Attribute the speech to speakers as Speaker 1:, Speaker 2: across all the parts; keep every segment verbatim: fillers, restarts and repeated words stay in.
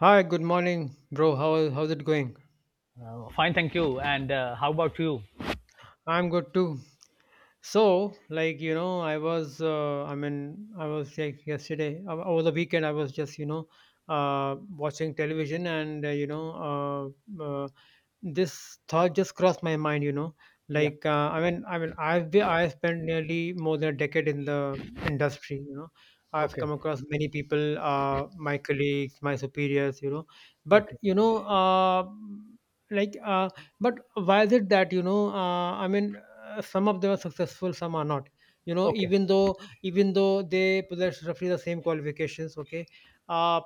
Speaker 1: Hi, good morning, bro. How how's it going?
Speaker 2: Uh, fine, thank you. And uh, how about you?
Speaker 1: I'm good too. So, like you know, I was uh, I mean, I was like yesterday o- over the weekend. I was just you know uh, watching television, and uh, you know uh, uh, this thought just crossed my mind. You know,
Speaker 2: Yeah.
Speaker 1: like uh, I mean, I mean, I've been I spent nearly more than a decade in the industry. You know, I've
Speaker 2: Okay.
Speaker 1: come across many people, uh, my colleagues, my superiors. You know, but
Speaker 2: Okay.
Speaker 1: you know, uh, like. Uh, But why is it that you know? Uh, I mean, uh, some of them are successful, some are not. You know,
Speaker 2: Okay.
Speaker 1: even though even though they possess roughly the same qualifications, okay. Uh,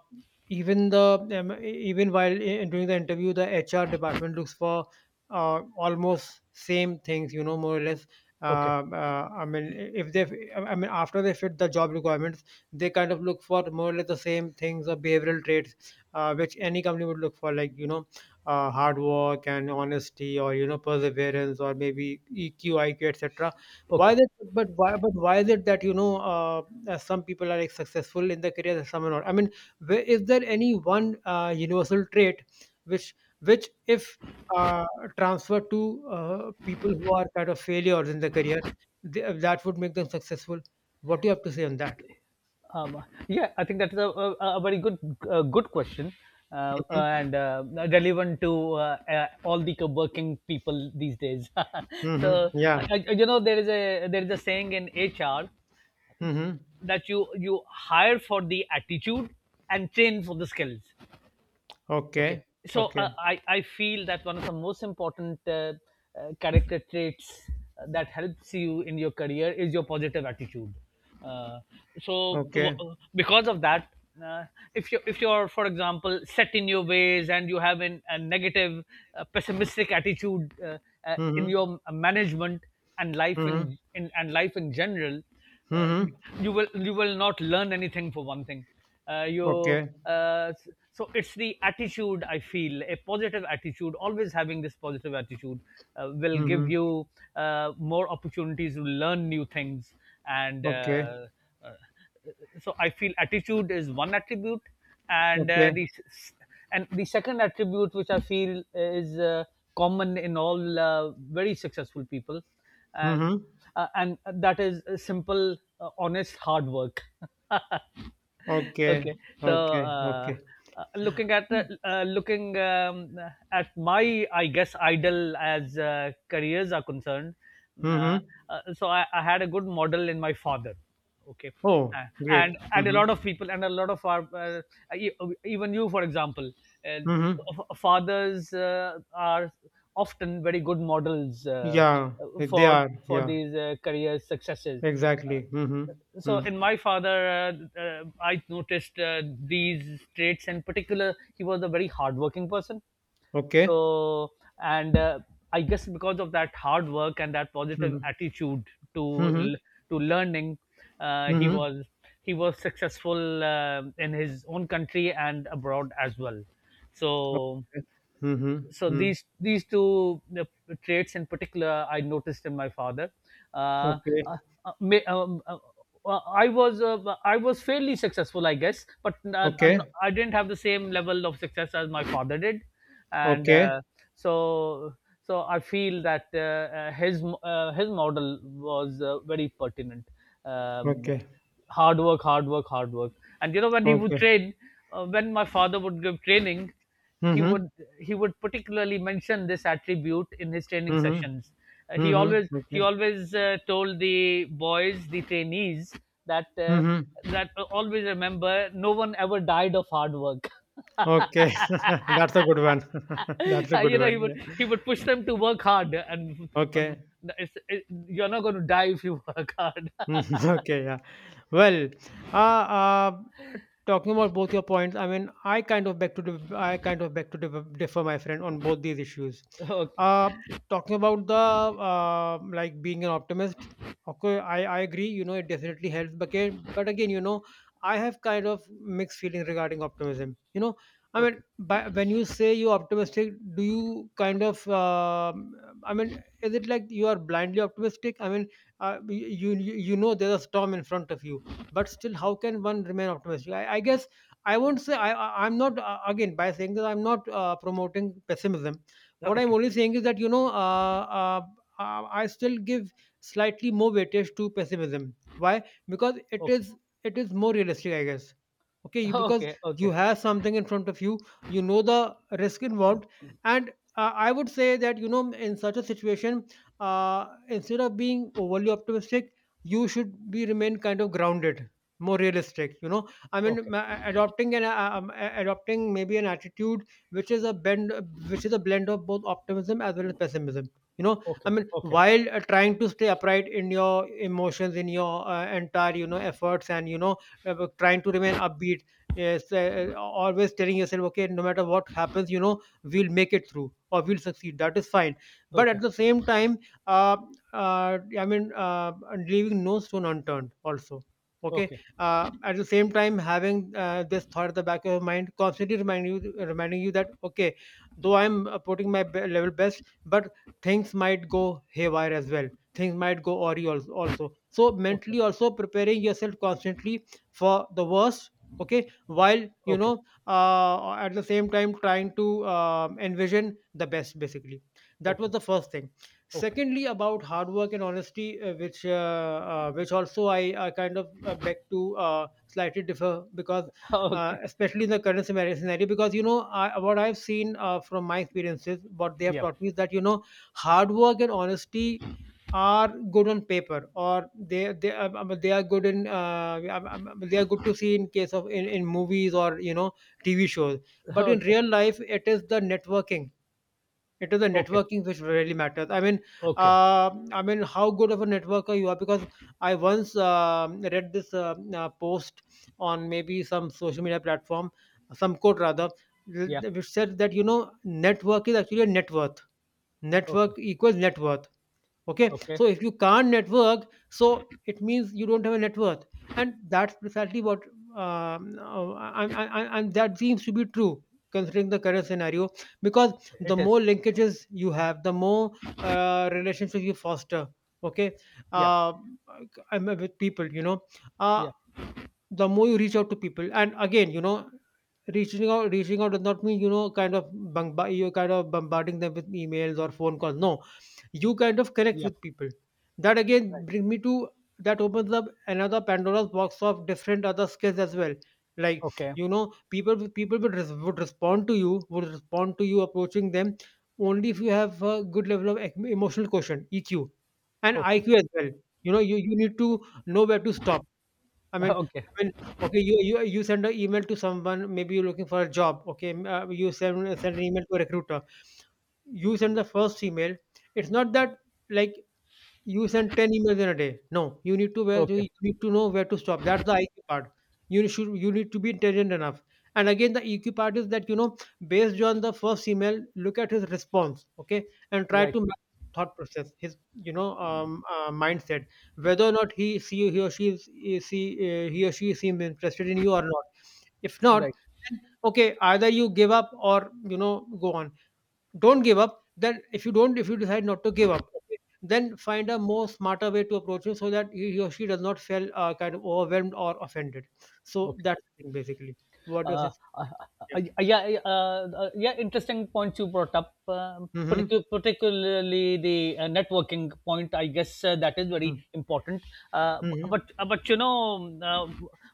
Speaker 1: even the um, e, Even while uh, doing the interview, the H R department looks for uh, almost same things. You know, more or less.
Speaker 2: Okay.
Speaker 1: Uh, uh, I mean, if they, I mean, after they fit the job requirements, they kind of look for more or less the same things or behavioral traits uh, which any company would look for, like you know uh, hard work and honesty, or you know, perseverance, or maybe E Q, I Q, etc. why
Speaker 2: Okay.
Speaker 1: that but why but why is it that you know uh, uh, some people are like successful in their careers and some are not? I mean, where, is there any one uh, universal trait which which if uh, transferred to uh, people who are kind of failures in their career, they, that would make them successful? What do you have to say on that?
Speaker 2: Um, yeah, I think that is a, a, a very good uh, good question uh, uh,
Speaker 1: Hmm.
Speaker 2: and uh, relevant to uh, uh, all the working people these days.
Speaker 1: Hmm,
Speaker 2: So I,
Speaker 1: yeah.
Speaker 2: I, you know there is a there is a saying in H R
Speaker 1: Hmm.
Speaker 2: that you you hire for the attitude and train for the skills. Okay,
Speaker 1: Okay.
Speaker 2: so
Speaker 1: Okay.
Speaker 2: uh, I I feel that one of the most important uh, uh, character traits uh, that helps you in your career is your positive attitude. Uh, so w-
Speaker 1: Okay.
Speaker 2: uh, because of that, uh, if you if you're for example set in your ways and you have an, a negative, uh, pessimistic attitude uh, uh, in
Speaker 1: Hmm.
Speaker 2: your uh, management and life
Speaker 1: Hmm.
Speaker 2: in, in and life in general, uh,
Speaker 1: Mhm.
Speaker 2: you will you will not learn anything for one thing. Uh, you
Speaker 1: Okay.
Speaker 2: uh, so it's the attitude. I feel a positive attitude, always having this positive attitude uh, will give
Speaker 1: Mhm.
Speaker 2: you uh, more opportunities to learn new things, and
Speaker 1: Okay.
Speaker 2: uh, uh, so I feel attitude is one attribute, and uh,
Speaker 1: Okay.
Speaker 2: the s- and the second attribute which I feel is uh, common in all uh, very successful people, and
Speaker 1: Mhm.
Speaker 2: uh, and that is a simple, uh, honest hard work. Okay,
Speaker 1: Okay.
Speaker 2: so
Speaker 1: Okay.
Speaker 2: uh,
Speaker 1: Okay.
Speaker 2: uh, looking at the, uh, looking um, at my, I guess, idol as uh, careers are concerned. Uh,
Speaker 1: Mhm.
Speaker 2: uh, so I, I had a good model in my father, okay.
Speaker 1: Oh,
Speaker 2: uh,
Speaker 1: great.
Speaker 2: and and a
Speaker 1: Mhm.
Speaker 2: lot of people and a lot of our uh, e- even you for example, uh,
Speaker 1: Mhm.
Speaker 2: f- fathers uh, are often very good models uh,
Speaker 1: Yeah, eh, they
Speaker 2: for
Speaker 1: are.
Speaker 2: for
Speaker 1: Yeah,
Speaker 2: these uh, career successes. uh,
Speaker 1: exactly. Mhm.
Speaker 2: so
Speaker 1: Mm.
Speaker 2: in my father uh, uh, I noticed uh, these traits in particular. He was a very hardworking person,
Speaker 1: Okay.
Speaker 2: so, and uh, I guess because of that hard work and that positive
Speaker 1: Mhm.
Speaker 2: attitude to
Speaker 1: Mhm.
Speaker 2: l- to learning, uh, he
Speaker 1: Mhm.
Speaker 2: was he was successful uh, in his own country and abroad as well. So
Speaker 1: Okay. Mhm.
Speaker 2: so
Speaker 1: Mm.
Speaker 2: these these two uh, traits in particular I noticed in my father. Uh,
Speaker 1: Okay.
Speaker 2: uh, uh, may- um, uh, uh, I was uh, I was fairly successful, I guess, but uh, uh, no,
Speaker 1: Okay.
Speaker 2: I didn't have the same level of success as my father did, and
Speaker 1: Okay.
Speaker 2: uh, so so I feel that uh, uh, his m- uh, his model was uh, very pertinent. Um,
Speaker 1: Okay.
Speaker 2: Hard work, hard work, hard work, and you know when he would
Speaker 1: Okay.
Speaker 2: train, uh, when my father would give training, he
Speaker 1: Mhm.
Speaker 2: would he would particularly mention this attribute in his training
Speaker 1: Mhm.
Speaker 2: sessions. Uh, he
Speaker 1: Mhm.
Speaker 2: always he
Speaker 1: Okay.
Speaker 2: always uh, told the boys, the trainees, that uh,
Speaker 1: Mhm.
Speaker 2: that uh, always remember, no one ever died of hard work.
Speaker 1: Okay. That's a good one. That's a
Speaker 2: Uh,
Speaker 1: good
Speaker 2: you know, he
Speaker 1: one.
Speaker 2: would
Speaker 1: Yeah.
Speaker 2: he would push them to work hard, and um,
Speaker 1: Okay.
Speaker 2: it's, it, you're not going to die if you work hard.
Speaker 1: Okay, yeah. Well, uh, uh, talking about both your points, I mean, I kind of beg to dif- I kind of beg to dif- differ, my friend, on both these issues.
Speaker 2: Okay,
Speaker 1: Uh, Talking about the uh, like being an optimist, okay, I, I agree. You know, it definitely helps, but again, but again, you know, I have kind of mixed feelings regarding optimism. You know, I mean,
Speaker 2: okay,
Speaker 1: by, when you say you're optimistic, do you kind of, um I mean, is it like you are blindly optimistic? I mean, uh, you, you you know there's a storm in front of you, but still how can one remain optimistic? i, I guess I won't say I, I I'm not uh, again, by saying that I'm not uh, promoting pessimism. What I'm
Speaker 2: okay,
Speaker 1: only saying is that you know uh, uh, uh, I still give slightly more weightage to pessimism. Why? Because it
Speaker 2: okay,
Speaker 1: is, it is more realistic, I guess. Okay, you- because
Speaker 2: okay,
Speaker 1: you
Speaker 2: okay,
Speaker 1: have something in front of you, you know the risk involved. And uh, I would say that you know in such a situation, uh, instead of being overly optimistic, you should be remain kind of grounded, more realistic. You know, I mean,
Speaker 2: okay,
Speaker 1: ma- adopting an uh, um, a- adopting maybe an attitude which is a bend which is a blend of both optimism as well as pessimism. You know, I
Speaker 2: okay,
Speaker 1: mean,
Speaker 2: okay,
Speaker 1: while uh, trying to stay upright in your emotions, in your uh, entire you know efforts, and you know uh, trying to remain upbeat. Yes, uh, uh, always telling yourself, okay, no matter what happens, you know, we'll make it through or we'll succeed, that is fine. But at the same time, uh, uh, I mean, uh, leaving no stone unturned. Also, okay.
Speaker 2: okay, okay,
Speaker 1: Uh, at the same time, having uh, this thought at the back of your mind, constantly reminding you, reminding you that okay, though I'm uh, putting my be- level best, but things might go haywire as well. Things might go awry also. also. So
Speaker 2: okay,
Speaker 1: mentally, also preparing yourself constantly for the worst. Okay, while you
Speaker 2: okay.
Speaker 1: know, uh, at the same time, trying to um envision the best. Basically, that was
Speaker 2: Okay.
Speaker 1: the first thing.
Speaker 2: Okay.
Speaker 1: Secondly, about hard work and honesty, uh, which uh, uh, which also I, I kind of uh, beg to uh, slightly differ, because uh,
Speaker 2: Okay.
Speaker 1: especially in the current scenario, scenario, because you know I, what I've seen uh, from my experiences, what they have
Speaker 2: Yep.
Speaker 1: taught me is that you know hard work and honesty are good on paper, or they they, uh, uh, they are good in uh, um, um, um, they are good to see in case of in, in movies or you know T V shows. But in
Speaker 2: Okay.
Speaker 1: real life it is the networking, it is the
Speaker 2: Okay.
Speaker 1: networking which really matters. I mean,
Speaker 2: Okay.
Speaker 1: uh, I mean, how good of a networker you are. Because I once um read this uh, uh, post on maybe some social media platform, some quote rather,
Speaker 2: Yep.
Speaker 1: which said that you know network is actually a net worth, network
Speaker 2: Okay.
Speaker 1: equals net worth. Okay, so
Speaker 2: Okay.
Speaker 1: if you can't network, so it means you don't have a net worth. And that's precisely what, um, uh, and, and and that seems to be true considering the current scenario, because the
Speaker 2: It is.
Speaker 1: more linkages you have, the more uh, relationships you foster, okay,
Speaker 2: Yep.
Speaker 1: uh, I'm with people, you know. Uh,
Speaker 2: Yep.
Speaker 1: the more you reach out to people, and again you know reaching out reaching out does not mean you know kind of bomb- you kind of bombarding them with emails or phone calls. No, you kind of connect
Speaker 2: Yep.
Speaker 1: with people. That again
Speaker 2: Right.
Speaker 1: bring me to, that opens up another pandora's box of different other skills as well, like
Speaker 2: Okay.
Speaker 1: you know, people with- people would, res- would respond to you, would respond to you approaching them only if you have a good level of ec- emotional quotient, E Q, and
Speaker 2: Okay.
Speaker 1: I Q as well. You know, you, you need to know where to stop. I mean,
Speaker 2: Okay.
Speaker 1: I mean, okay, you you you send an email to someone, maybe you're looking for a job, okay? M- Uh, you send send an email to a recruiter. You send the first email. It's not that like you send ten emails in a day. No, you need to where
Speaker 2: Okay.
Speaker 1: you need to know where to stop. That's the I Q part. You should you need to be intelligent enough. And again, the E Q part is that you know, based on the first email, look at his response, okay, and try
Speaker 2: Right.
Speaker 1: to match his thought process, his you know um, uh, mindset, whether or not he see he or she is is- see uh, he or she seems interested in you or not. If not,
Speaker 2: Right.
Speaker 1: then okay, either you give up or you know go on. Don't give up then, if you don't if you decide not to give up, okay, then find a more smarter way to approach him so that he he or she does not feel uh, kind of overwhelmed or offended. So
Speaker 2: Okay.
Speaker 1: that's the thing, basically. What does
Speaker 2: uh,
Speaker 1: it,
Speaker 2: uh,
Speaker 1: yeah.
Speaker 2: uh, yeah, uh, uh, yeah, interesting points you brought up, um,
Speaker 1: Mm-hmm.
Speaker 2: particu- particularly the uh, networking point. I guess uh, that is very
Speaker 1: Mm-hmm.
Speaker 2: important. Uh,
Speaker 1: Mm-hmm.
Speaker 2: but uh, but you know, um, uh,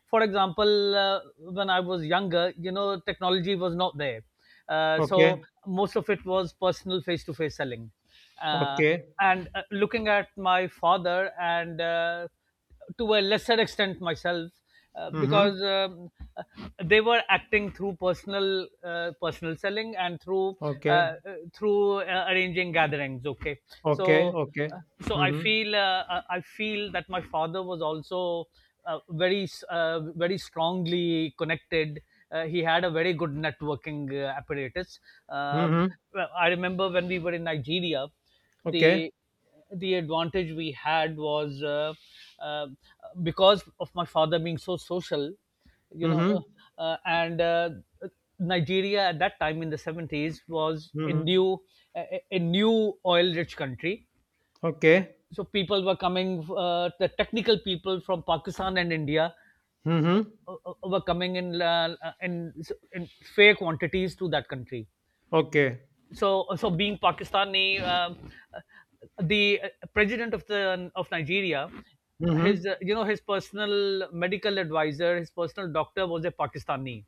Speaker 2: for example, uh, when I was younger, you know, technology was not there, uh, so
Speaker 1: Okay.
Speaker 2: most of it was personal face-to-face selling. Uh,
Speaker 1: Okay.
Speaker 2: and uh, looking at my father and uh, to a lesser extent myself uh,
Speaker 1: Mm-hmm.
Speaker 2: because um, uh, they were acting through personal uh, personal selling and through uh,
Speaker 1: Okay.
Speaker 2: uh, through uh, arranging gatherings, okay.
Speaker 1: Okay.
Speaker 2: So
Speaker 1: Okay.
Speaker 2: uh, so I
Speaker 1: Mm-hmm.
Speaker 2: feel uh, i I feel that my father was also uh, very s- uh, very strongly connected. Uh, he had a very good networking uh, apparatus. uh,
Speaker 1: Mm-hmm.
Speaker 2: I remember when we were in Nigeria, the
Speaker 1: Okay.
Speaker 2: the advantage we had was uh, uh, because of my father being so social, you
Speaker 1: Mm-hmm.
Speaker 2: know. Uh, uh, and uh, Nigeria at that time in the seventies was a
Speaker 1: Mm-hmm.
Speaker 2: new a, a new oil rich country.
Speaker 1: Okay.
Speaker 2: So people were coming, uh, the technical people from Pakistan and India
Speaker 1: Mm-hmm.
Speaker 2: uh, uh, were coming in, uh, in in fair quantities to that country.
Speaker 1: Okay.
Speaker 2: So so being Pakistani, um, the uh, president of the of Nigeria,
Speaker 1: Mm-hmm.
Speaker 2: his uh, you know his personal medical advisor, his personal doctor, was a Pakistani.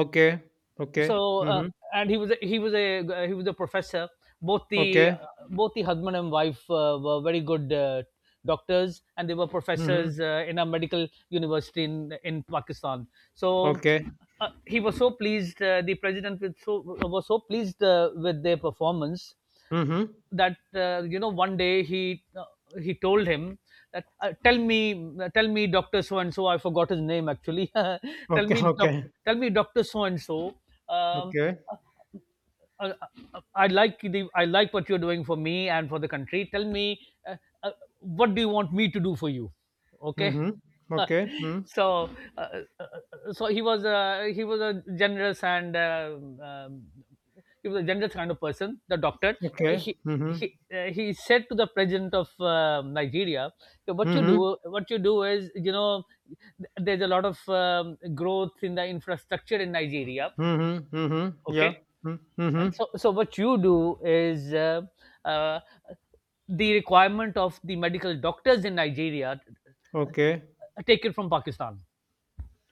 Speaker 1: Okay. Okay.
Speaker 2: So uh,
Speaker 1: Mm-hmm.
Speaker 2: and he was a, he was a he was a professor. Both the
Speaker 1: Okay.
Speaker 2: both the husband and wife uh, were very good uh, doctors, and they were
Speaker 1: Mm-hmm.
Speaker 2: professors uh, in a medical university in in Pakistan. So
Speaker 1: Okay.
Speaker 2: uh, he was so pleased, uh, the president was so, was so pleased uh, with their performance
Speaker 1: Mm-hmm.
Speaker 2: that uh, you know one day he uh, he told him that uh, tell me tell me doctor so and so, I forgot his name actually. Tell
Speaker 1: Okay,
Speaker 2: me doc,
Speaker 1: okay,
Speaker 2: tell me doctor so and so, um,
Speaker 1: okay.
Speaker 2: uh, uh, uh, I like the I like what you're doing for me and for the country. Tell me, uh, uh, what do you want me to do for you? Okay.
Speaker 1: Mhm. Okay. Mm.
Speaker 2: So uh, uh, uh, so he was a, he was a generous and um, um, he was a generous kind of person. The doctor,
Speaker 1: Okay.
Speaker 2: he
Speaker 1: Mhm.
Speaker 2: he uh, he said to the president of uh, Nigeria, "What you
Speaker 1: Mhm.
Speaker 2: do, what you do is, you know, th- there's a lot of um, growth in the infrastructure in Nigeria.
Speaker 1: Mhm. Mhm. Yeah.
Speaker 2: Okay,
Speaker 1: Mm. Mhm.
Speaker 2: and so so what you do is, uh, uh, the requirement of the medical doctors in Nigeria uh,
Speaker 1: Okay.
Speaker 2: uh, taken from Pakistan.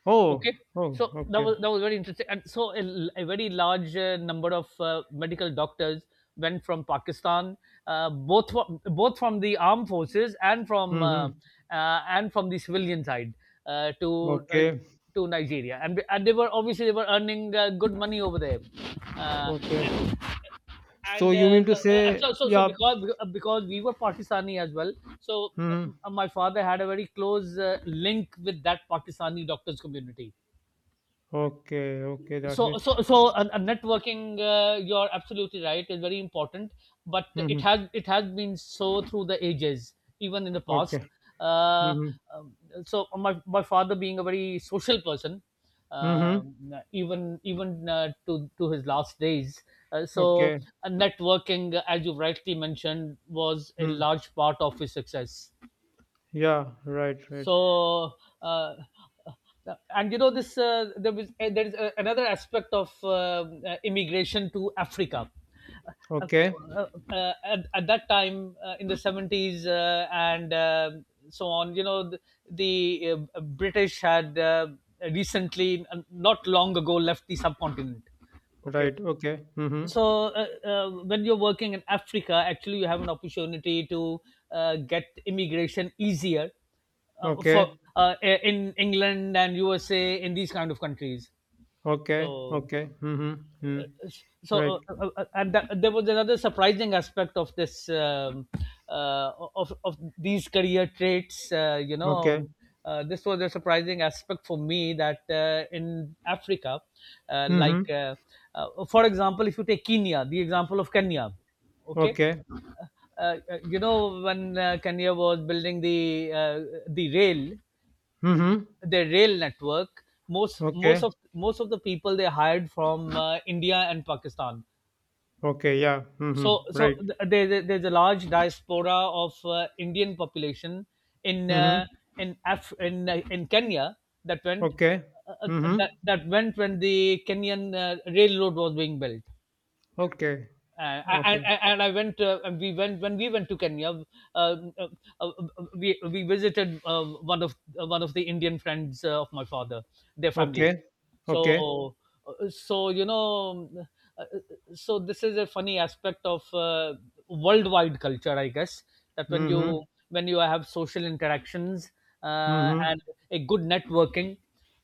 Speaker 1: Oh.
Speaker 2: Okay.
Speaker 1: Oh.
Speaker 2: So that
Speaker 1: Okay.
Speaker 2: was that was very interesting, and so a, l- a very large uh, number of uh, medical doctors went from Pakistan, uh, both from, both from the armed forces and from uh, uh,
Speaker 1: Mhm.
Speaker 2: and from the civilian side uh, to uh,
Speaker 1: Okay.
Speaker 2: to Nigeria, and and they were obviously they were earning uh, good money over there, uh,
Speaker 1: Okay. So
Speaker 2: and
Speaker 1: you
Speaker 2: uh,
Speaker 1: mean to
Speaker 2: uh,
Speaker 1: say,
Speaker 2: so so so
Speaker 1: yeah.
Speaker 2: because because we were Pakistani as well. So
Speaker 1: Mhm.
Speaker 2: uh, my father had a very close uh, link with that Pakistani doctors community.
Speaker 1: Okay. Okay. That's
Speaker 2: So
Speaker 1: it.
Speaker 2: so so a, a networking, uh, you're absolutely right, is very important, but it
Speaker 1: Mhm.
Speaker 2: has it has been so through the ages, even in the
Speaker 1: Okay.
Speaker 2: past. uh,
Speaker 1: Mhm.
Speaker 2: um, so my, my father being a very social person,
Speaker 1: Mhm.
Speaker 2: um, even even uh, to to his last days, uh, so
Speaker 1: Okay.
Speaker 2: uh, networking as you rightly mentioned was a
Speaker 1: Mm.
Speaker 2: large part of his success.
Speaker 1: Yeah. Right. Right.
Speaker 2: So uh, uh, and you know this uh, there was uh, there is uh, another aspect of um, uh, immigration to Africa. uh,
Speaker 1: Okay.
Speaker 2: uh, uh, at, at that time, uh, in the seventies, uh, and um so on, you know, the, the uh, British had uh, recently, uh, not long ago, left the subcontinent, okay.
Speaker 1: Right. Okay. Mhm.
Speaker 2: So uh, uh, when you're working in Africa, actually you have an opportunity to uh, get immigration easier uh, for
Speaker 1: Okay.
Speaker 2: uh, in England and USA, in these kind of countries.
Speaker 1: Okay.
Speaker 2: So
Speaker 1: Okay. Mhm. Mm.
Speaker 2: so uh,
Speaker 1: Right.
Speaker 2: uh, uh, uh, and that, there was another surprising aspect of this um, uh, of of these career traits. Uh, you
Speaker 1: Okay.
Speaker 2: know, uh, this was a surprising aspect for me that uh, in Africa, uh, like
Speaker 1: Mhm.
Speaker 2: uh, uh, for example if you take Kenya, the example of Kenya, okay.
Speaker 1: Okay.
Speaker 2: uh, uh, you know, when uh, Kenya was building the uh, the rail,
Speaker 1: Mhm.
Speaker 2: their rail network, most most
Speaker 1: Okay.
Speaker 2: of most of the people they hired from uh, India and Pakistan.
Speaker 1: Okay. Yeah.
Speaker 2: So
Speaker 1: Mhm.
Speaker 2: so
Speaker 1: Right.
Speaker 2: th- there, there- there's a large diaspora of uh, Indian population in
Speaker 1: Mhm.
Speaker 2: uh, in Af- in uh, in Kenya that went
Speaker 1: Okay.
Speaker 2: uh, uh, that,
Speaker 1: Mhm.
Speaker 2: that went when the Kenyan uh, railroad was being built.
Speaker 1: Okay.
Speaker 2: And, and,
Speaker 1: Okay.
Speaker 2: and I went, uh, and we went when we went to Kenya. Uh, uh, uh, we we visited uh, one of uh, one of the Indian friends uh, of my father, their
Speaker 1: Okay.
Speaker 2: family.
Speaker 1: Okay.
Speaker 2: So uh, so you know, uh, uh, so this is a funny aspect of uh, worldwide culture, I guess. That when you
Speaker 1: Mhm.
Speaker 2: when you have social interactions uh,
Speaker 1: Mhm.
Speaker 2: and a good networking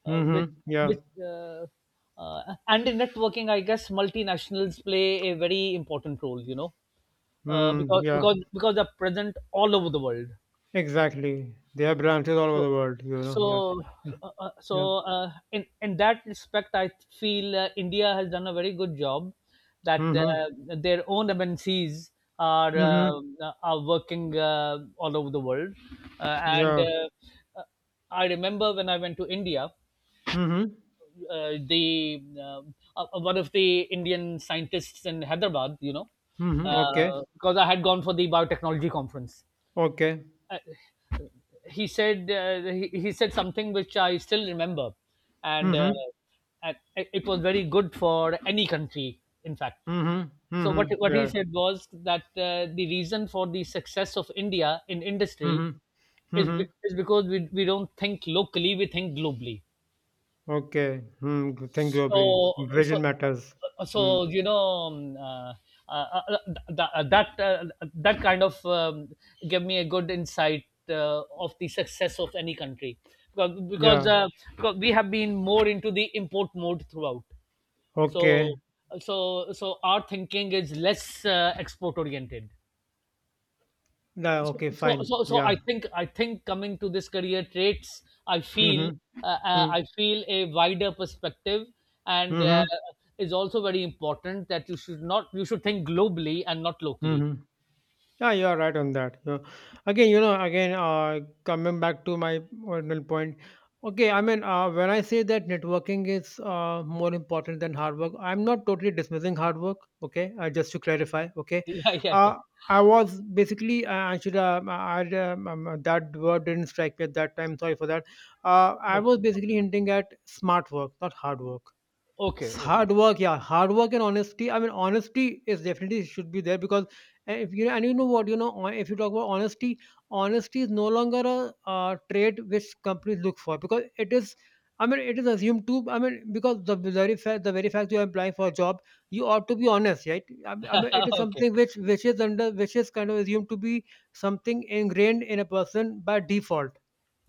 Speaker 2: uh, which
Speaker 1: Mhm. Yeah.
Speaker 2: which uh, uh, and in networking I guess multinationals play a very important role, you know, uh,
Speaker 1: Mm,
Speaker 2: because
Speaker 1: yeah.
Speaker 2: because because they're present all over the world.
Speaker 1: Exactly. They have branches all over
Speaker 2: So
Speaker 1: the world. You know.
Speaker 2: so
Speaker 1: Yeah. Yeah.
Speaker 2: uh, uh, so
Speaker 1: Yeah.
Speaker 2: uh, in in that respect I feel uh, India has done a very good job, that
Speaker 1: Mhm.
Speaker 2: uh, their own MNCs are
Speaker 1: Mhm.
Speaker 2: uh, are working uh, all over the world, uh, and
Speaker 1: Yeah.
Speaker 2: uh, uh, I remember when I went to India,
Speaker 1: Mhm.
Speaker 2: uh, the um, uh, one of the Indian scientists in Hyderabad, you know,
Speaker 1: Mhm. Okay.
Speaker 2: uh, because I had gone for the biotechnology conference.
Speaker 1: Okay.
Speaker 2: Uh, he said uh, he, he said something which I still remember, and, uh,
Speaker 1: Mhm.
Speaker 2: and it it was very good for any country, in fact.
Speaker 1: Mhm.
Speaker 2: So what
Speaker 1: Mhm.
Speaker 2: what he
Speaker 1: Yeah.
Speaker 2: said was that uh, the reason for the success of India in industry
Speaker 1: Mhm.
Speaker 2: is be-
Speaker 1: Mhm.
Speaker 2: is because we we don't think locally, we think globally.
Speaker 1: Okay. Hmm. G- think globally.
Speaker 2: So so
Speaker 1: Vision matters.
Speaker 2: uh,
Speaker 1: Hmm.
Speaker 2: so you know um, uh, uh, uh, th- that uh, that kind of um, gave me a good insight uh, of the success of any country because because,
Speaker 1: Yeah.
Speaker 2: uh, because we have been more into the import mode throughout.
Speaker 1: Okay.
Speaker 2: So so so our thinking is less uh, export oriented.
Speaker 1: Yeah,
Speaker 2: so,
Speaker 1: okay,
Speaker 2: so,
Speaker 1: fine.
Speaker 2: so, so
Speaker 1: Yeah.
Speaker 2: I think I think coming to this career traits, I feel,
Speaker 1: Mm-hmm.
Speaker 2: uh, uh,
Speaker 1: Mm-hmm.
Speaker 2: I feel a wider perspective, and uh,
Speaker 1: Mm-hmm.
Speaker 2: is also very important that you should not you should think globally and not locally.
Speaker 1: Mm-hmm. Yeah, you are right on that. Yeah. Again, you know, again, uh, coming back to my original point. Okay, I mean, uh, when I say that networking is uh, more important than hard work, I'm not totally dismissing hard work. Okay, uh, just to clarify. Okay,
Speaker 2: Yeah, yeah, yeah.
Speaker 1: uh, I was basically uh, I should uh, I, um, um, that word didn't strike me at that time. Sorry for that. Uh, I
Speaker 2: Not-
Speaker 1: was basically hinting at smart work, not hard work.
Speaker 2: Okay,
Speaker 1: S-
Speaker 2: okay,
Speaker 1: hard work, yeah, hard work and honesty. I mean honesty is definitely should be there because uh, if you and you know what you know hon- if you talk about honesty, honesty is no longer a, uh trait which companies look for because it is, i mean it is assumed to, I mean, because the very fact the very fact you are applying for a job you ought to be honest, right? I, mean- I mean it is
Speaker 2: okay,
Speaker 1: something which which is under which is kind of assumed to be something ingrained in a person by default.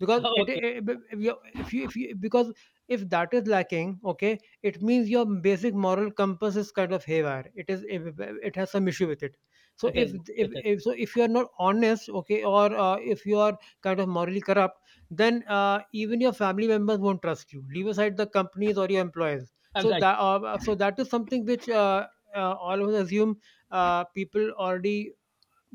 Speaker 1: Because it,
Speaker 2: okay.
Speaker 1: it, if you if you, because if that is lacking, okay, it means your basic moral compass is kind of haywire, it is, it has some issue with it. So
Speaker 2: It
Speaker 1: if
Speaker 2: is,
Speaker 1: if,
Speaker 2: it is.
Speaker 1: if so if you are not honest, okay, or uh, if you are kind of morally corrupt, then uh, even your family members won't trust you, leave aside the companies or your employers.
Speaker 2: I'm
Speaker 1: So
Speaker 2: right.
Speaker 1: that uh, so that is something which, uh, uh, all of us assume uh, people already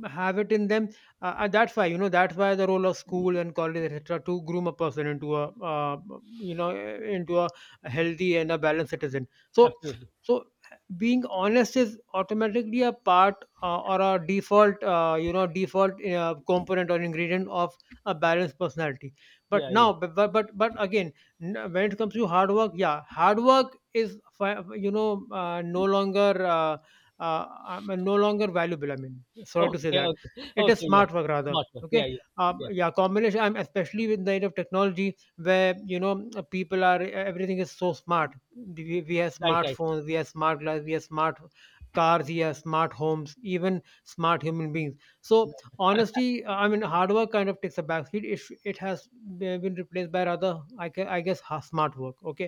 Speaker 1: have it in them. Uh, and that's why, you know, that's why the role of school and college, etc., to groom a person into a, uh, you know eh, into a healthy and a balanced citizen. So
Speaker 2: Absolutely.
Speaker 1: so being honest is automatically a part, uh, or a default, uh, you know default uh, component or ingredient of a balanced personality. But
Speaker 2: Yeah,
Speaker 1: now,
Speaker 2: yeah.
Speaker 1: but but but, but again, n- when it comes to hard work, yeah, hard work is fi- you know uh, no longer, uh, uh, I mean, no longer valuable. I mean, sorry to say
Speaker 2: Okay,
Speaker 1: that.
Speaker 2: okay,
Speaker 1: It is
Speaker 2: okay. Yeah,
Speaker 1: smart work rather.
Speaker 2: smart work. Yeah,
Speaker 1: Okay.
Speaker 2: yeah,
Speaker 1: Um,
Speaker 2: yeah.
Speaker 1: yeah, combination. I'm especially with the age of technology where, you know, uh, people are, everything is so smart. We, we have
Speaker 2: Right, right.
Speaker 1: smartphones, we have smart glass, we have smart cars, we have smart homes, even smart human beings. So honestly, uh, I mean, hard work kind of takes a backseat. It sh- it has been replaced by, rather, I, ca- I guess, ha- smart work. Okay,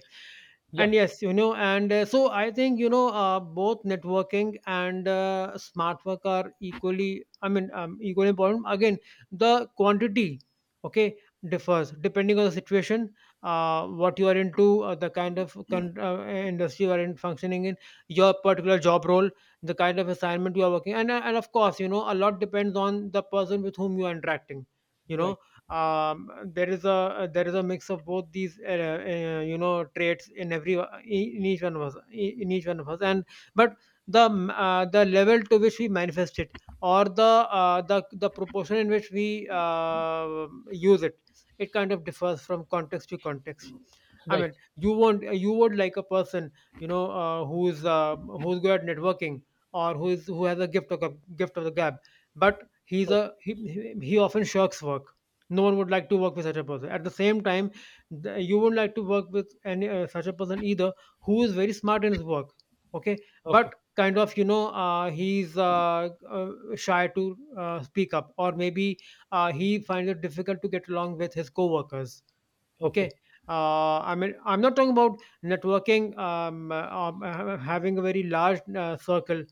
Speaker 2: Yep.
Speaker 1: and yes, you know, and uh, so I think, you know, uh, both networking and uh, smart work are equally, I mean, um, equally important. Again, the quantity, okay, differs depending on the situation, uh, what you are into, uh, the kind of con- uh, industry you are in functioning in, your particular job role, the kind of assignment you are working. And, uh, and of course, you know, a lot depends on the person with whom you are interacting, you know.
Speaker 2: Right,
Speaker 1: Um, there is a there is a mix of both these, uh, uh, you know, traits in every, uh, e, in each one of us, e, in each one of us. And but the, um, uh, the level to which we manifest it, or the, uh, the the proportion in which we uh, use it, it kind of differs from context to context. I
Speaker 2: right.
Speaker 1: mean, you want, you would like a person, you know, uh, who's uh, who's good at networking, or who is, who has a gift of gab- gift of the gab, but he's a
Speaker 2: Okay,
Speaker 1: he, he he often shirks work. No one would like to work with such a person. At the same time, the, you wouldn't like to work with any uh, such a person either, who is very smart in his work, okay,
Speaker 2: okay,
Speaker 1: but kind of, you know, uh, he's uh, uh, shy to uh, speak up, or maybe uh, he finds it difficult to get along with his co-workers. Okay,
Speaker 2: okay.
Speaker 1: uh, I mean, I'm not talking about networking, um, uh, um, uh, having a very large uh, circle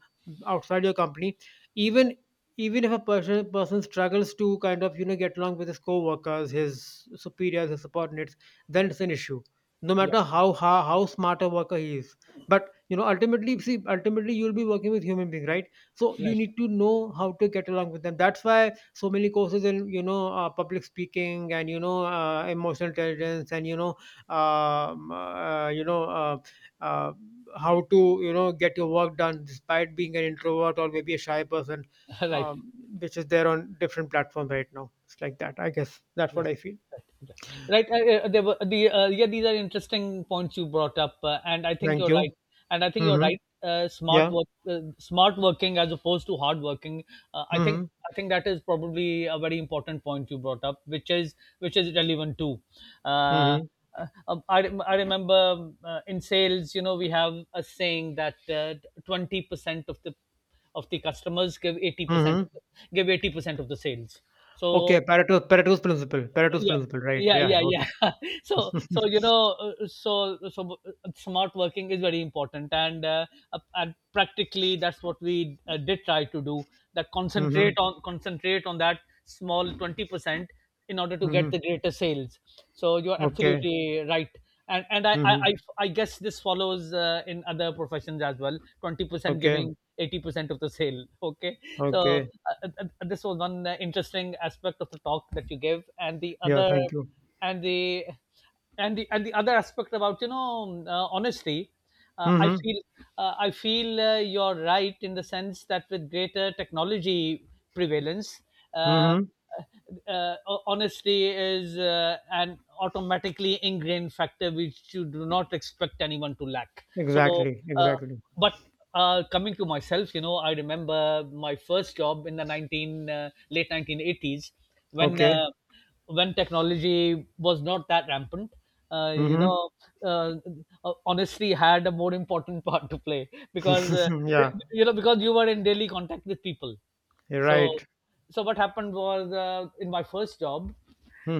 Speaker 1: outside your company. Even even if a person person struggles to kind of, you know, get along with his co-workers, his superiors, his subordinates, then it's an issue, no
Speaker 2: Yeah,
Speaker 1: matter how how, how smart a worker he is. But you know, ultimately, see, ultimately you'll be working with human being, right? So you
Speaker 2: right,
Speaker 1: need to know how to get along with them. That's why so many courses in, you know, uh, public speaking, and you know, uh, emotional intelligence, and you know, um, uh, you know uh, uh, how to, you know, get your work done despite being an introvert or maybe a shy person,
Speaker 2: right.
Speaker 1: um, which is there on different platforms right now. It's like that, I guess. That's what
Speaker 2: Right.
Speaker 1: I feel.
Speaker 2: Right. Yeah. Right. I- There were the uh, yeah. These are interesting points you brought up, uh, and I think
Speaker 1: Thank
Speaker 2: you're
Speaker 1: you.
Speaker 2: right. And I think you're
Speaker 1: Mm-hmm.
Speaker 2: right. Uh, smart
Speaker 1: Yeah.
Speaker 2: work, uh, smart working as opposed to hard working. Uh, I think
Speaker 1: Mm-hmm.
Speaker 2: I think that is probably a very important point you brought up, which is which is relevant too. Uh,
Speaker 1: Mm-hmm.
Speaker 2: uh, um, I rem- I remember, um, uh, in sales, you know, we have a saying that uh, twenty percent of the of the customers give eighty percent
Speaker 1: Mm-hmm.
Speaker 2: give eighty percent of the sales.
Speaker 1: Okay,
Speaker 2: So,
Speaker 1: pareto's pareto's principle pareto's
Speaker 2: yeah,
Speaker 1: principle, right?
Speaker 2: yeah,
Speaker 1: Yeah,
Speaker 2: yeah,
Speaker 1: okay.
Speaker 2: yeah. so so you know uh, so so uh, smart working is very important, and uh, uh, and practically that's what we uh, did try to do, that concentrate
Speaker 1: mm-hmm.
Speaker 2: on concentrate on that small twenty percent in order to get
Speaker 1: Mm-hmm.
Speaker 2: the greater sales. So you're
Speaker 1: Okay.
Speaker 2: absolutely right. And and i i, I
Speaker 1: Mm-hmm.
Speaker 2: I guess this follows uh, in other professions as well. twenty percent
Speaker 1: Okay.
Speaker 2: giving eighty percent of the sale. Okay. So,
Speaker 1: Okay.
Speaker 2: uh, uh, uh, this was one uh, interesting aspect of the talk that you gave, and the
Speaker 1: Yeah,
Speaker 2: other,
Speaker 1: thank you.
Speaker 2: and the, and the and the other aspect about, you know, uh, honesty. Uh, I
Speaker 1: Mm-hmm.
Speaker 2: feel uh, I feel uh, you're right in the sense that with greater technology prevalence. uh, uh,
Speaker 1: Mm-hmm.
Speaker 2: uh, Honesty is uh, an automatically ingrained factor which you do not expect anyone to lack. So.
Speaker 1: Exactly.
Speaker 2: Uh,
Speaker 1: Exactly.
Speaker 2: but uh, coming to myself, you know, I remember my first job in the nineteen uh, late nineteen eighties when
Speaker 1: Okay.
Speaker 2: uh, when technology was not that rampant. Uh, you
Speaker 1: Mm-hmm.
Speaker 2: know, uh, uh, honestly, had a more important part to play because, uh,
Speaker 1: yeah.
Speaker 2: you know, because you were in daily contact with people.
Speaker 1: You're
Speaker 2: So
Speaker 1: right.
Speaker 2: so what happened was uh, in my first job,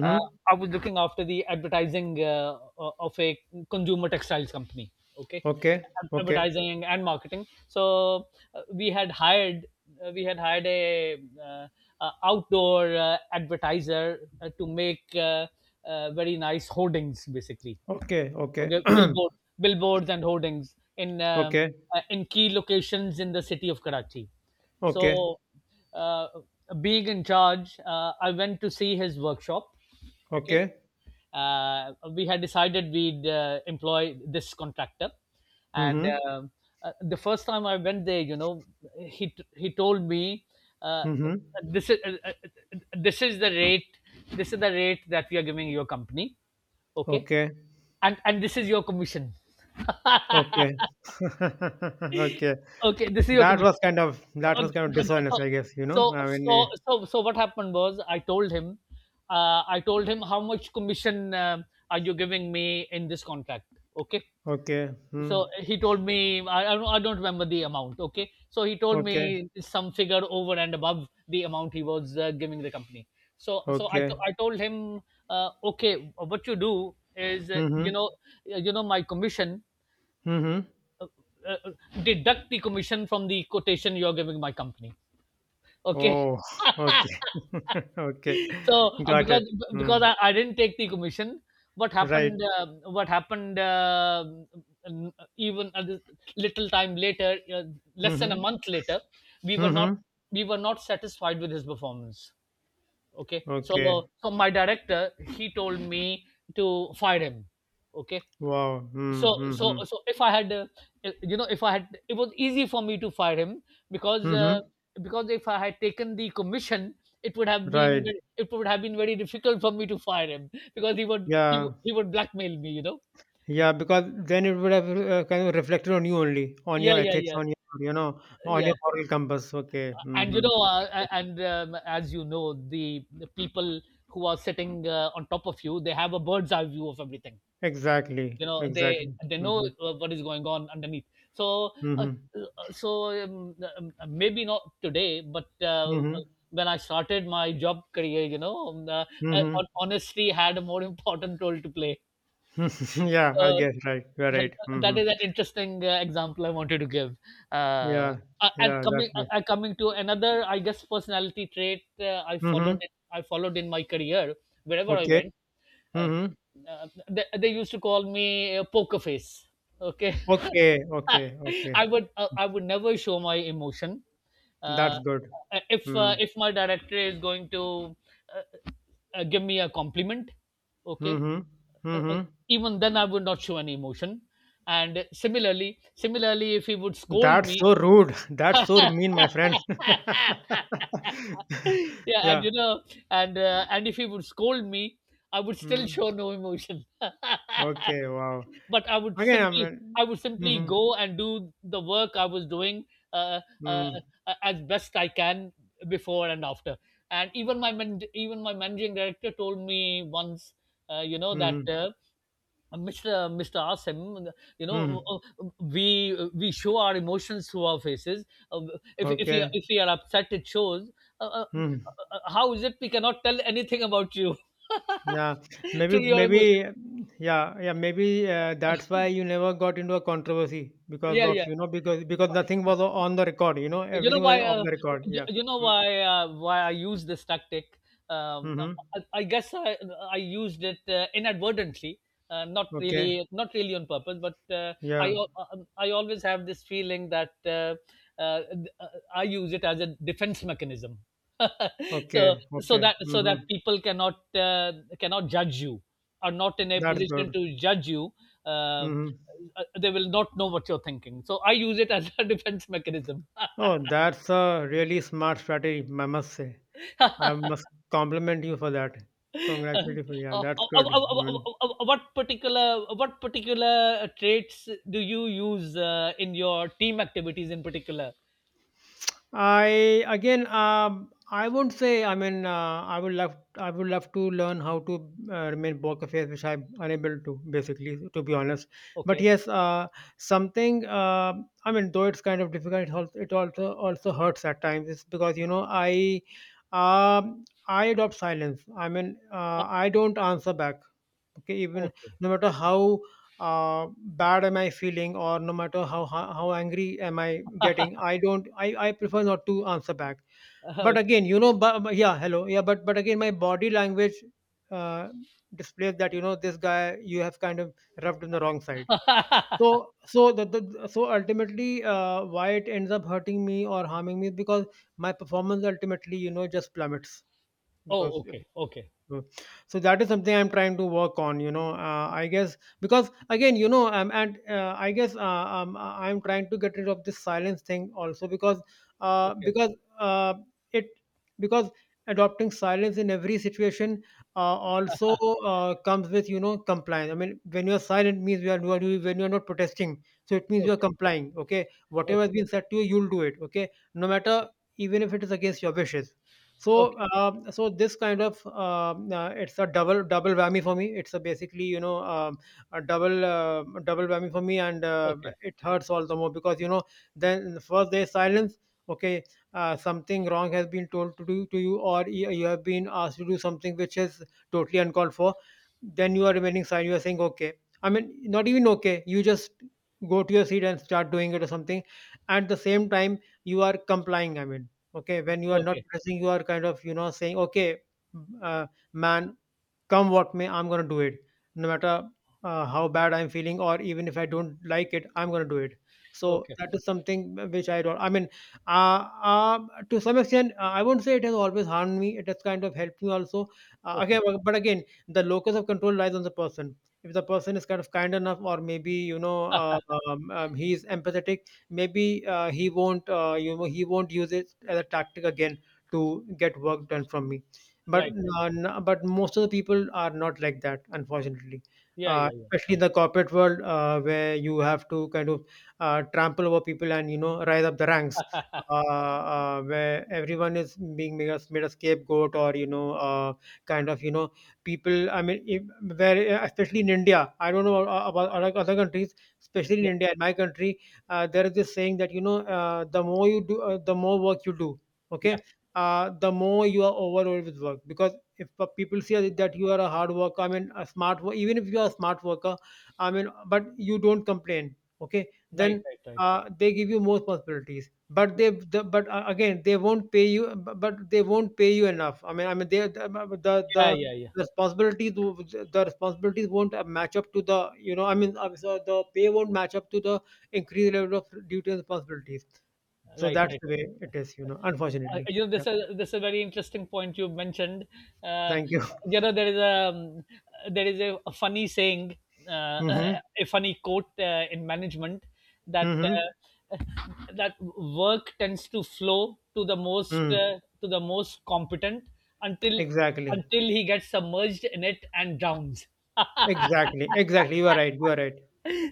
Speaker 2: uh, I was looking after the advertising uh, o- of a consumer textiles company. Okay.
Speaker 1: Okay.
Speaker 2: Ad-
Speaker 1: Okay.
Speaker 2: advertising and marketing. So, uh, we had hired uh, we had hired a uh, uh, outdoor uh, advertiser uh, to make uh, uh, very nice hoardings, basically.
Speaker 1: Okay. Okay.
Speaker 2: Okay. billboard, billboards and hoardings in, um,
Speaker 1: okay.
Speaker 2: uh, in key locations in the city of Karachi.
Speaker 1: Okay.
Speaker 2: So, uh, being in charge, uh, I went to see his workshop. Okay.
Speaker 1: Okay.
Speaker 2: Uh, we had decided we'd uh, employ this contractor, and,
Speaker 1: Mm-hmm.
Speaker 2: uh, uh, the first time I went there, you know, he he told me. Uh,
Speaker 1: Mm-hmm.
Speaker 2: this is uh, uh, this is the rate, this is the rate that we are giving your company. Okay.
Speaker 1: Okay.
Speaker 2: And and this is your commission.
Speaker 1: Okay. okay.
Speaker 2: Okay, this is your
Speaker 1: That was
Speaker 2: commission.
Speaker 1: kind of that
Speaker 2: Okay.
Speaker 1: was kind of
Speaker 2: So,
Speaker 1: dishonest, I guess, you know.
Speaker 2: so
Speaker 1: I mean, eh,
Speaker 2: so so so what happened was I told him, uh, I told him, how much commission, um are you giving me in this contract? Okay,
Speaker 1: okay.
Speaker 2: so
Speaker 1: Hmm.
Speaker 2: he told me I I don't, I don't remember the amount. Okay, so he told
Speaker 1: Okay.
Speaker 2: me some figure over and above the amount he was, uh, giving the company. So so I
Speaker 1: Okay.
Speaker 2: to- I told him, uh, okay, what you do is, uh,
Speaker 1: Mm-hmm.
Speaker 2: you know, uh, you know, my commission,
Speaker 1: Mm-hmm.
Speaker 2: uh, uh, uh, deduct the commission from the quotation you're giving my company. Okay.
Speaker 1: Oh, okay. okay.
Speaker 2: So, uh,
Speaker 1: Got it.
Speaker 2: because because
Speaker 1: Hmm.
Speaker 2: I, I didn't take the commission. what
Speaker 1: Right.
Speaker 2: happened uh, what happened, uh, n- even a lis- little time later, uh, less than a
Speaker 1: Mm-hmm.
Speaker 2: month later, we were not
Speaker 1: Mm-hmm.
Speaker 2: we were not satisfied with his performance. Okay. so
Speaker 1: Okay.
Speaker 2: so my director, he told me to fire him. Okay.
Speaker 1: Wow.
Speaker 2: so
Speaker 1: Mm-hmm.
Speaker 2: so
Speaker 1: Mm-hmm.
Speaker 2: so if I had uh, you know if I had it was easy for me to fire him, because,
Speaker 1: Mm-hmm.
Speaker 2: uh, because if I had taken the commission, it would have been,
Speaker 1: Right.
Speaker 2: ve- it would have been very difficult for me to fire him, because he would, he,
Speaker 1: Yeah.
Speaker 2: would- he would blackmail me, you know.
Speaker 1: Yeah, because then it would have uh, kind of reflected on you only, on your
Speaker 2: Yeah, yeah,
Speaker 1: ethics,
Speaker 2: yeah,
Speaker 1: on your, you know, on your
Speaker 2: yeah.
Speaker 1: moral compass. Okay.
Speaker 2: And
Speaker 1: Mm-hmm.
Speaker 2: you know, uh,
Speaker 1: Okay.
Speaker 2: a- and um, as you know, the, the people who are sitting uh, on top of you, they have a bird's eye view of everything.
Speaker 1: Exactly.
Speaker 2: You know, they
Speaker 1: Exactly.
Speaker 2: they know
Speaker 1: Mm-hmm.
Speaker 2: uh, what is going on underneath. So, uh,
Speaker 1: Mm-hmm.
Speaker 2: uh, so um, uh, maybe not today, but uh,
Speaker 1: Mm-hmm.
Speaker 2: when I started my job career, you know, um, uh, uh, hon- honesty had a more important role to play.
Speaker 1: Mm-hmm. yeah. I
Speaker 2: uh,
Speaker 1: guess. Right. You're
Speaker 2: so
Speaker 1: right.
Speaker 2: that
Speaker 1: Mm-hmm.
Speaker 2: is an interesting uh, example I wanted to give. uh,
Speaker 1: Yeah.
Speaker 2: uh, and
Speaker 1: Yeah. That's
Speaker 2: coming
Speaker 1: good.
Speaker 2: uh, uh, coming to another, I guess, personality trait, uh, i followed
Speaker 1: Mm-hmm.
Speaker 2: it, i followed in my career wherever I
Speaker 1: Okay.
Speaker 2: went. uh,
Speaker 1: Mm-hmm.
Speaker 2: uh, they, they used to call me uh, poker face. Okay.
Speaker 1: Okay. Okay. Okay.
Speaker 2: I would uh, I would never show my emotion. Uh,
Speaker 1: That's good.
Speaker 2: uh, if
Speaker 1: Hmm.
Speaker 2: uh, if my director is going to, uh, uh, give me a compliment, okay,
Speaker 1: Mhm.
Speaker 2: uh, uh,
Speaker 1: Mhm.
Speaker 2: even then I would not show any emotion. And similarly, similarly, if he would scold
Speaker 1: That's
Speaker 2: me.
Speaker 1: so rude. That's so mean, my friend.
Speaker 2: Yeah, and
Speaker 1: Yeah.
Speaker 2: you know, and uh, and if he would scold me, I would still
Speaker 1: Mm.
Speaker 2: show no emotion.
Speaker 1: Okay. Wow.
Speaker 2: But I would
Speaker 1: Again, I
Speaker 2: simply
Speaker 1: mean,
Speaker 2: I would simply
Speaker 1: mhm.
Speaker 2: go and do the work I was doing, uh, uh,
Speaker 1: Mm.
Speaker 2: uh, as best I can, before and after. And even my man- even my managing director told me once, uh, you know that.
Speaker 1: Mhm.
Speaker 2: Uh, mister Mr. Asim, you know,
Speaker 1: Mhm.
Speaker 2: we we show our emotions through our faces. Uh, If if we are,
Speaker 1: Okay.
Speaker 2: if we are upset, it shows. Uh, uh,
Speaker 1: Mhm.
Speaker 2: uh, how is it we cannot tell anything about you
Speaker 1: Yeah. Maybe,
Speaker 2: through your
Speaker 1: maybe,
Speaker 2: emotions?
Speaker 1: yeah, yeah, maybe uh, that's why you never got into a controversy because
Speaker 2: Yeah,
Speaker 1: of,
Speaker 2: yeah.
Speaker 1: you know, because because nothing was on the record, you know,
Speaker 2: you know
Speaker 1: everything was
Speaker 2: why
Speaker 1: off
Speaker 2: uh,
Speaker 1: the record.
Speaker 2: you,
Speaker 1: Yeah.
Speaker 2: you know
Speaker 1: Mm.
Speaker 2: why uh, why I use this tactic. um, uh,
Speaker 1: Mhm.
Speaker 2: I, I guess I, I used it uh, inadvertently, uh, not
Speaker 1: Okay.
Speaker 2: really not really on purpose, but, uh, i
Speaker 1: Yeah.
Speaker 2: al- um, I always have this feeling that, uh, uh, I use it as a defense mechanism. so
Speaker 1: Okay.
Speaker 2: so
Speaker 1: Okay.
Speaker 2: that so that
Speaker 1: Mhm.
Speaker 2: people cannot uh, cannot judge you, are not in a
Speaker 1: That's
Speaker 2: position
Speaker 1: good.
Speaker 2: to judge you. uh,
Speaker 1: Mhm.
Speaker 2: uh, they will not know what you're thinking, so I use it as a defense mechanism.
Speaker 1: Oh, that's a really smart strategy, I must say. I must compliment you for that.
Speaker 2: Uh,
Speaker 1: Congratulations. for- Yeah,
Speaker 2: uh, uh,
Speaker 1: that's
Speaker 2: uh,
Speaker 1: good. I
Speaker 2: uh,
Speaker 1: mean,
Speaker 2: uh, uh, what particular what particular traits do you use uh, in your team activities in particular?
Speaker 1: I again, um, I won't say. I mean, uh, I would love, I would love to learn how to uh, remain poker face, which I'm unable to, basically, to be honest. But
Speaker 2: Okay.
Speaker 1: yes, uh, something. Uh, I mean, though it's kind of difficult, it also, it also also hurts at times. It's because you know I, um, I adopt silence. I mean, uh,
Speaker 2: Uh,
Speaker 1: I don't answer back, okay, even,
Speaker 2: Okay.
Speaker 1: no matter how uh, bad am I feeling, or no matter how how, how angry am I getting, i don't I, I prefer not to answer back.
Speaker 2: Uh,
Speaker 1: But
Speaker 2: okay.
Speaker 1: again, you know, but, but yeah, hello, yeah, but but again, my body language uh, displays that, you know, this guy, you have kind of rubbed in the wrong side. So so the, the so ultimately uh, why it ends up hurting me or harming me is because my performance ultimately, you know, just plummets,
Speaker 2: Oh,
Speaker 1: because,
Speaker 2: okay. Okay.
Speaker 1: mm, so that is something I'm trying to work on, you know. Uh, I guess because again, you know, um, and uh, I guess, uh, um, I- I'm trying to get rid of this silence thing also because, uh,
Speaker 2: Okay.
Speaker 1: because uh, it, because adopting silence in every situation, uh, also uh, comes with, you know, compliance. I mean, when you are silent means you are, you are doing- when you are not protesting, so it means you are
Speaker 2: Okay.
Speaker 1: complying. Okay, whatever has
Speaker 2: Okay.
Speaker 1: been said to you, you'll do it. Okay, no
Speaker 2: Okay.
Speaker 1: matter, even if it is against your wishes. So
Speaker 2: Okay.
Speaker 1: um, so this kind of, um, uh, it's a double double whammy for me. It's a basically, you know, um, a double, uh, double whammy for me, and uh,
Speaker 2: Okay.
Speaker 1: it hurts all the more because, you know, then first there is silence, okay. Uh, something wrong has been told to do to you, or you you have been asked to do something which is totally uncalled for. Then you are remaining silent, you are saying okay, I mean, not even okay, you just go to your seat and start doing it or something. At the same time, you are complying, I mean, okay, when you are not
Speaker 2: Okay.
Speaker 1: pressing, you are kind of, you know, saying okay, uh, man, come what may, I'm going to do it, no matter uh, how bad I'm feeling, or even if I don't like it, I'm going to do it. So
Speaker 2: Okay.
Speaker 1: that is something which I don't, I mean, uh, uh, to some extent, uh, I won't say it has always harmed me, it has kind of helped me also. Uh,
Speaker 2: Okay.
Speaker 1: again, but but again, the locus of control lies on the person. If the person is kind of kind enough or maybe, you know, uh, um, um, he is empathetic, maybe uh, he won't, uh, you know, he won't use it as a tactic again to get work done from me. But
Speaker 2: Right. Right.
Speaker 1: uh, n- but most of the people are not like that, unfortunately.
Speaker 2: Yeah.
Speaker 1: Uh,
Speaker 2: Yeah. Yeah.
Speaker 1: especially in the corporate world, uh, where you have to kind of uh, trample over people and, you know, rise up the ranks, uh, uh, where everyone is being made a, made a scapegoat, or you know, uh, kind of, you know, people. I mean, if, where uh, especially in India, I don't know about about other other countries, especially in
Speaker 2: Yep.
Speaker 1: India, in my country, uh, there is this saying that, you know, uh, the more you do, uh, the more work you do. Okay,
Speaker 2: Yeah.
Speaker 1: uh, the more you are overloaded with work. Because if uh, people see that you are a hard worker, I mean, a smart, wo- even if you are a smart worker, I mean, but you don't complain, okay,
Speaker 2: Right.
Speaker 1: then
Speaker 2: Right. Right.
Speaker 1: uh, they give you more responsibilities. But
Speaker 2: Yeah.
Speaker 1: they, the, but uh, again, they won't pay you. bu- But they won't pay you enough. I mean, I mean, they the the,
Speaker 2: Yeah.
Speaker 1: the
Speaker 2: Yeah.
Speaker 1: responsibilities w- the responsibilities won't uh, match up to the, you know, I mean, uh, so the pay won't match up to the increased level of duty and responsibilities. So
Speaker 2: Right,
Speaker 1: that's
Speaker 2: right.
Speaker 1: the way it is, you know,
Speaker 2: Uh,
Speaker 1: unfortunately.
Speaker 2: you know,
Speaker 1: Yeah.
Speaker 2: this is this is a very interesting point you mentioned. Uh,
Speaker 1: Thank you.
Speaker 2: you know, there is a um, there is a, a funny saying, uh,
Speaker 1: Mm-hmm.
Speaker 2: a funny quote uh, in management, that
Speaker 1: Mm-hmm.
Speaker 2: uh, that work tends to flow to the most
Speaker 1: Mm.
Speaker 2: uh, to the most competent, until
Speaker 1: Exactly.
Speaker 2: until he gets submerged in it and drowns.
Speaker 1: Exactly. Exactly. You are right. You are right.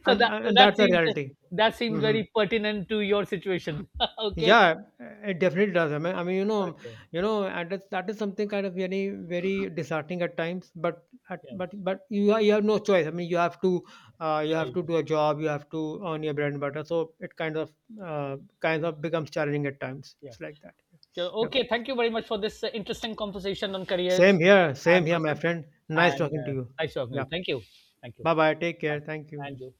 Speaker 2: So
Speaker 1: And
Speaker 2: that
Speaker 1: and, and,
Speaker 2: that
Speaker 1: that's the
Speaker 2: seems,
Speaker 1: reality.
Speaker 2: that seems
Speaker 1: Mm-hmm.
Speaker 2: very pertinent to your situation. Okay.
Speaker 1: Yeah, it definitely does. I mean, I mean, you know,
Speaker 2: Okay.
Speaker 1: you know, and that's, that is something kind of very, very disheartening at times. But, at,
Speaker 2: Yeah,
Speaker 1: but, but you are, you have no choice. I mean, you have to, uh, you
Speaker 2: yeah,
Speaker 1: have to
Speaker 2: yeah,
Speaker 1: do a job. You have to earn your bread and butter. So it kind of, uh, kind of becomes challenging at times.
Speaker 2: yeah.
Speaker 1: It's like that.
Speaker 2: So,
Speaker 1: Yeah.
Speaker 2: okay, thank you very much for this uh, interesting conversation on careers
Speaker 1: Same here. Same
Speaker 2: and
Speaker 1: here, my
Speaker 2: person,
Speaker 1: friend. Nice
Speaker 2: and
Speaker 1: talking to
Speaker 2: uh,
Speaker 1: you.
Speaker 2: nice talking to you.
Speaker 1: Yeah.
Speaker 2: Thank you, thank you.
Speaker 1: Bye bye. Take
Speaker 2: Bye.
Speaker 1: care. Thank you.
Speaker 2: And you.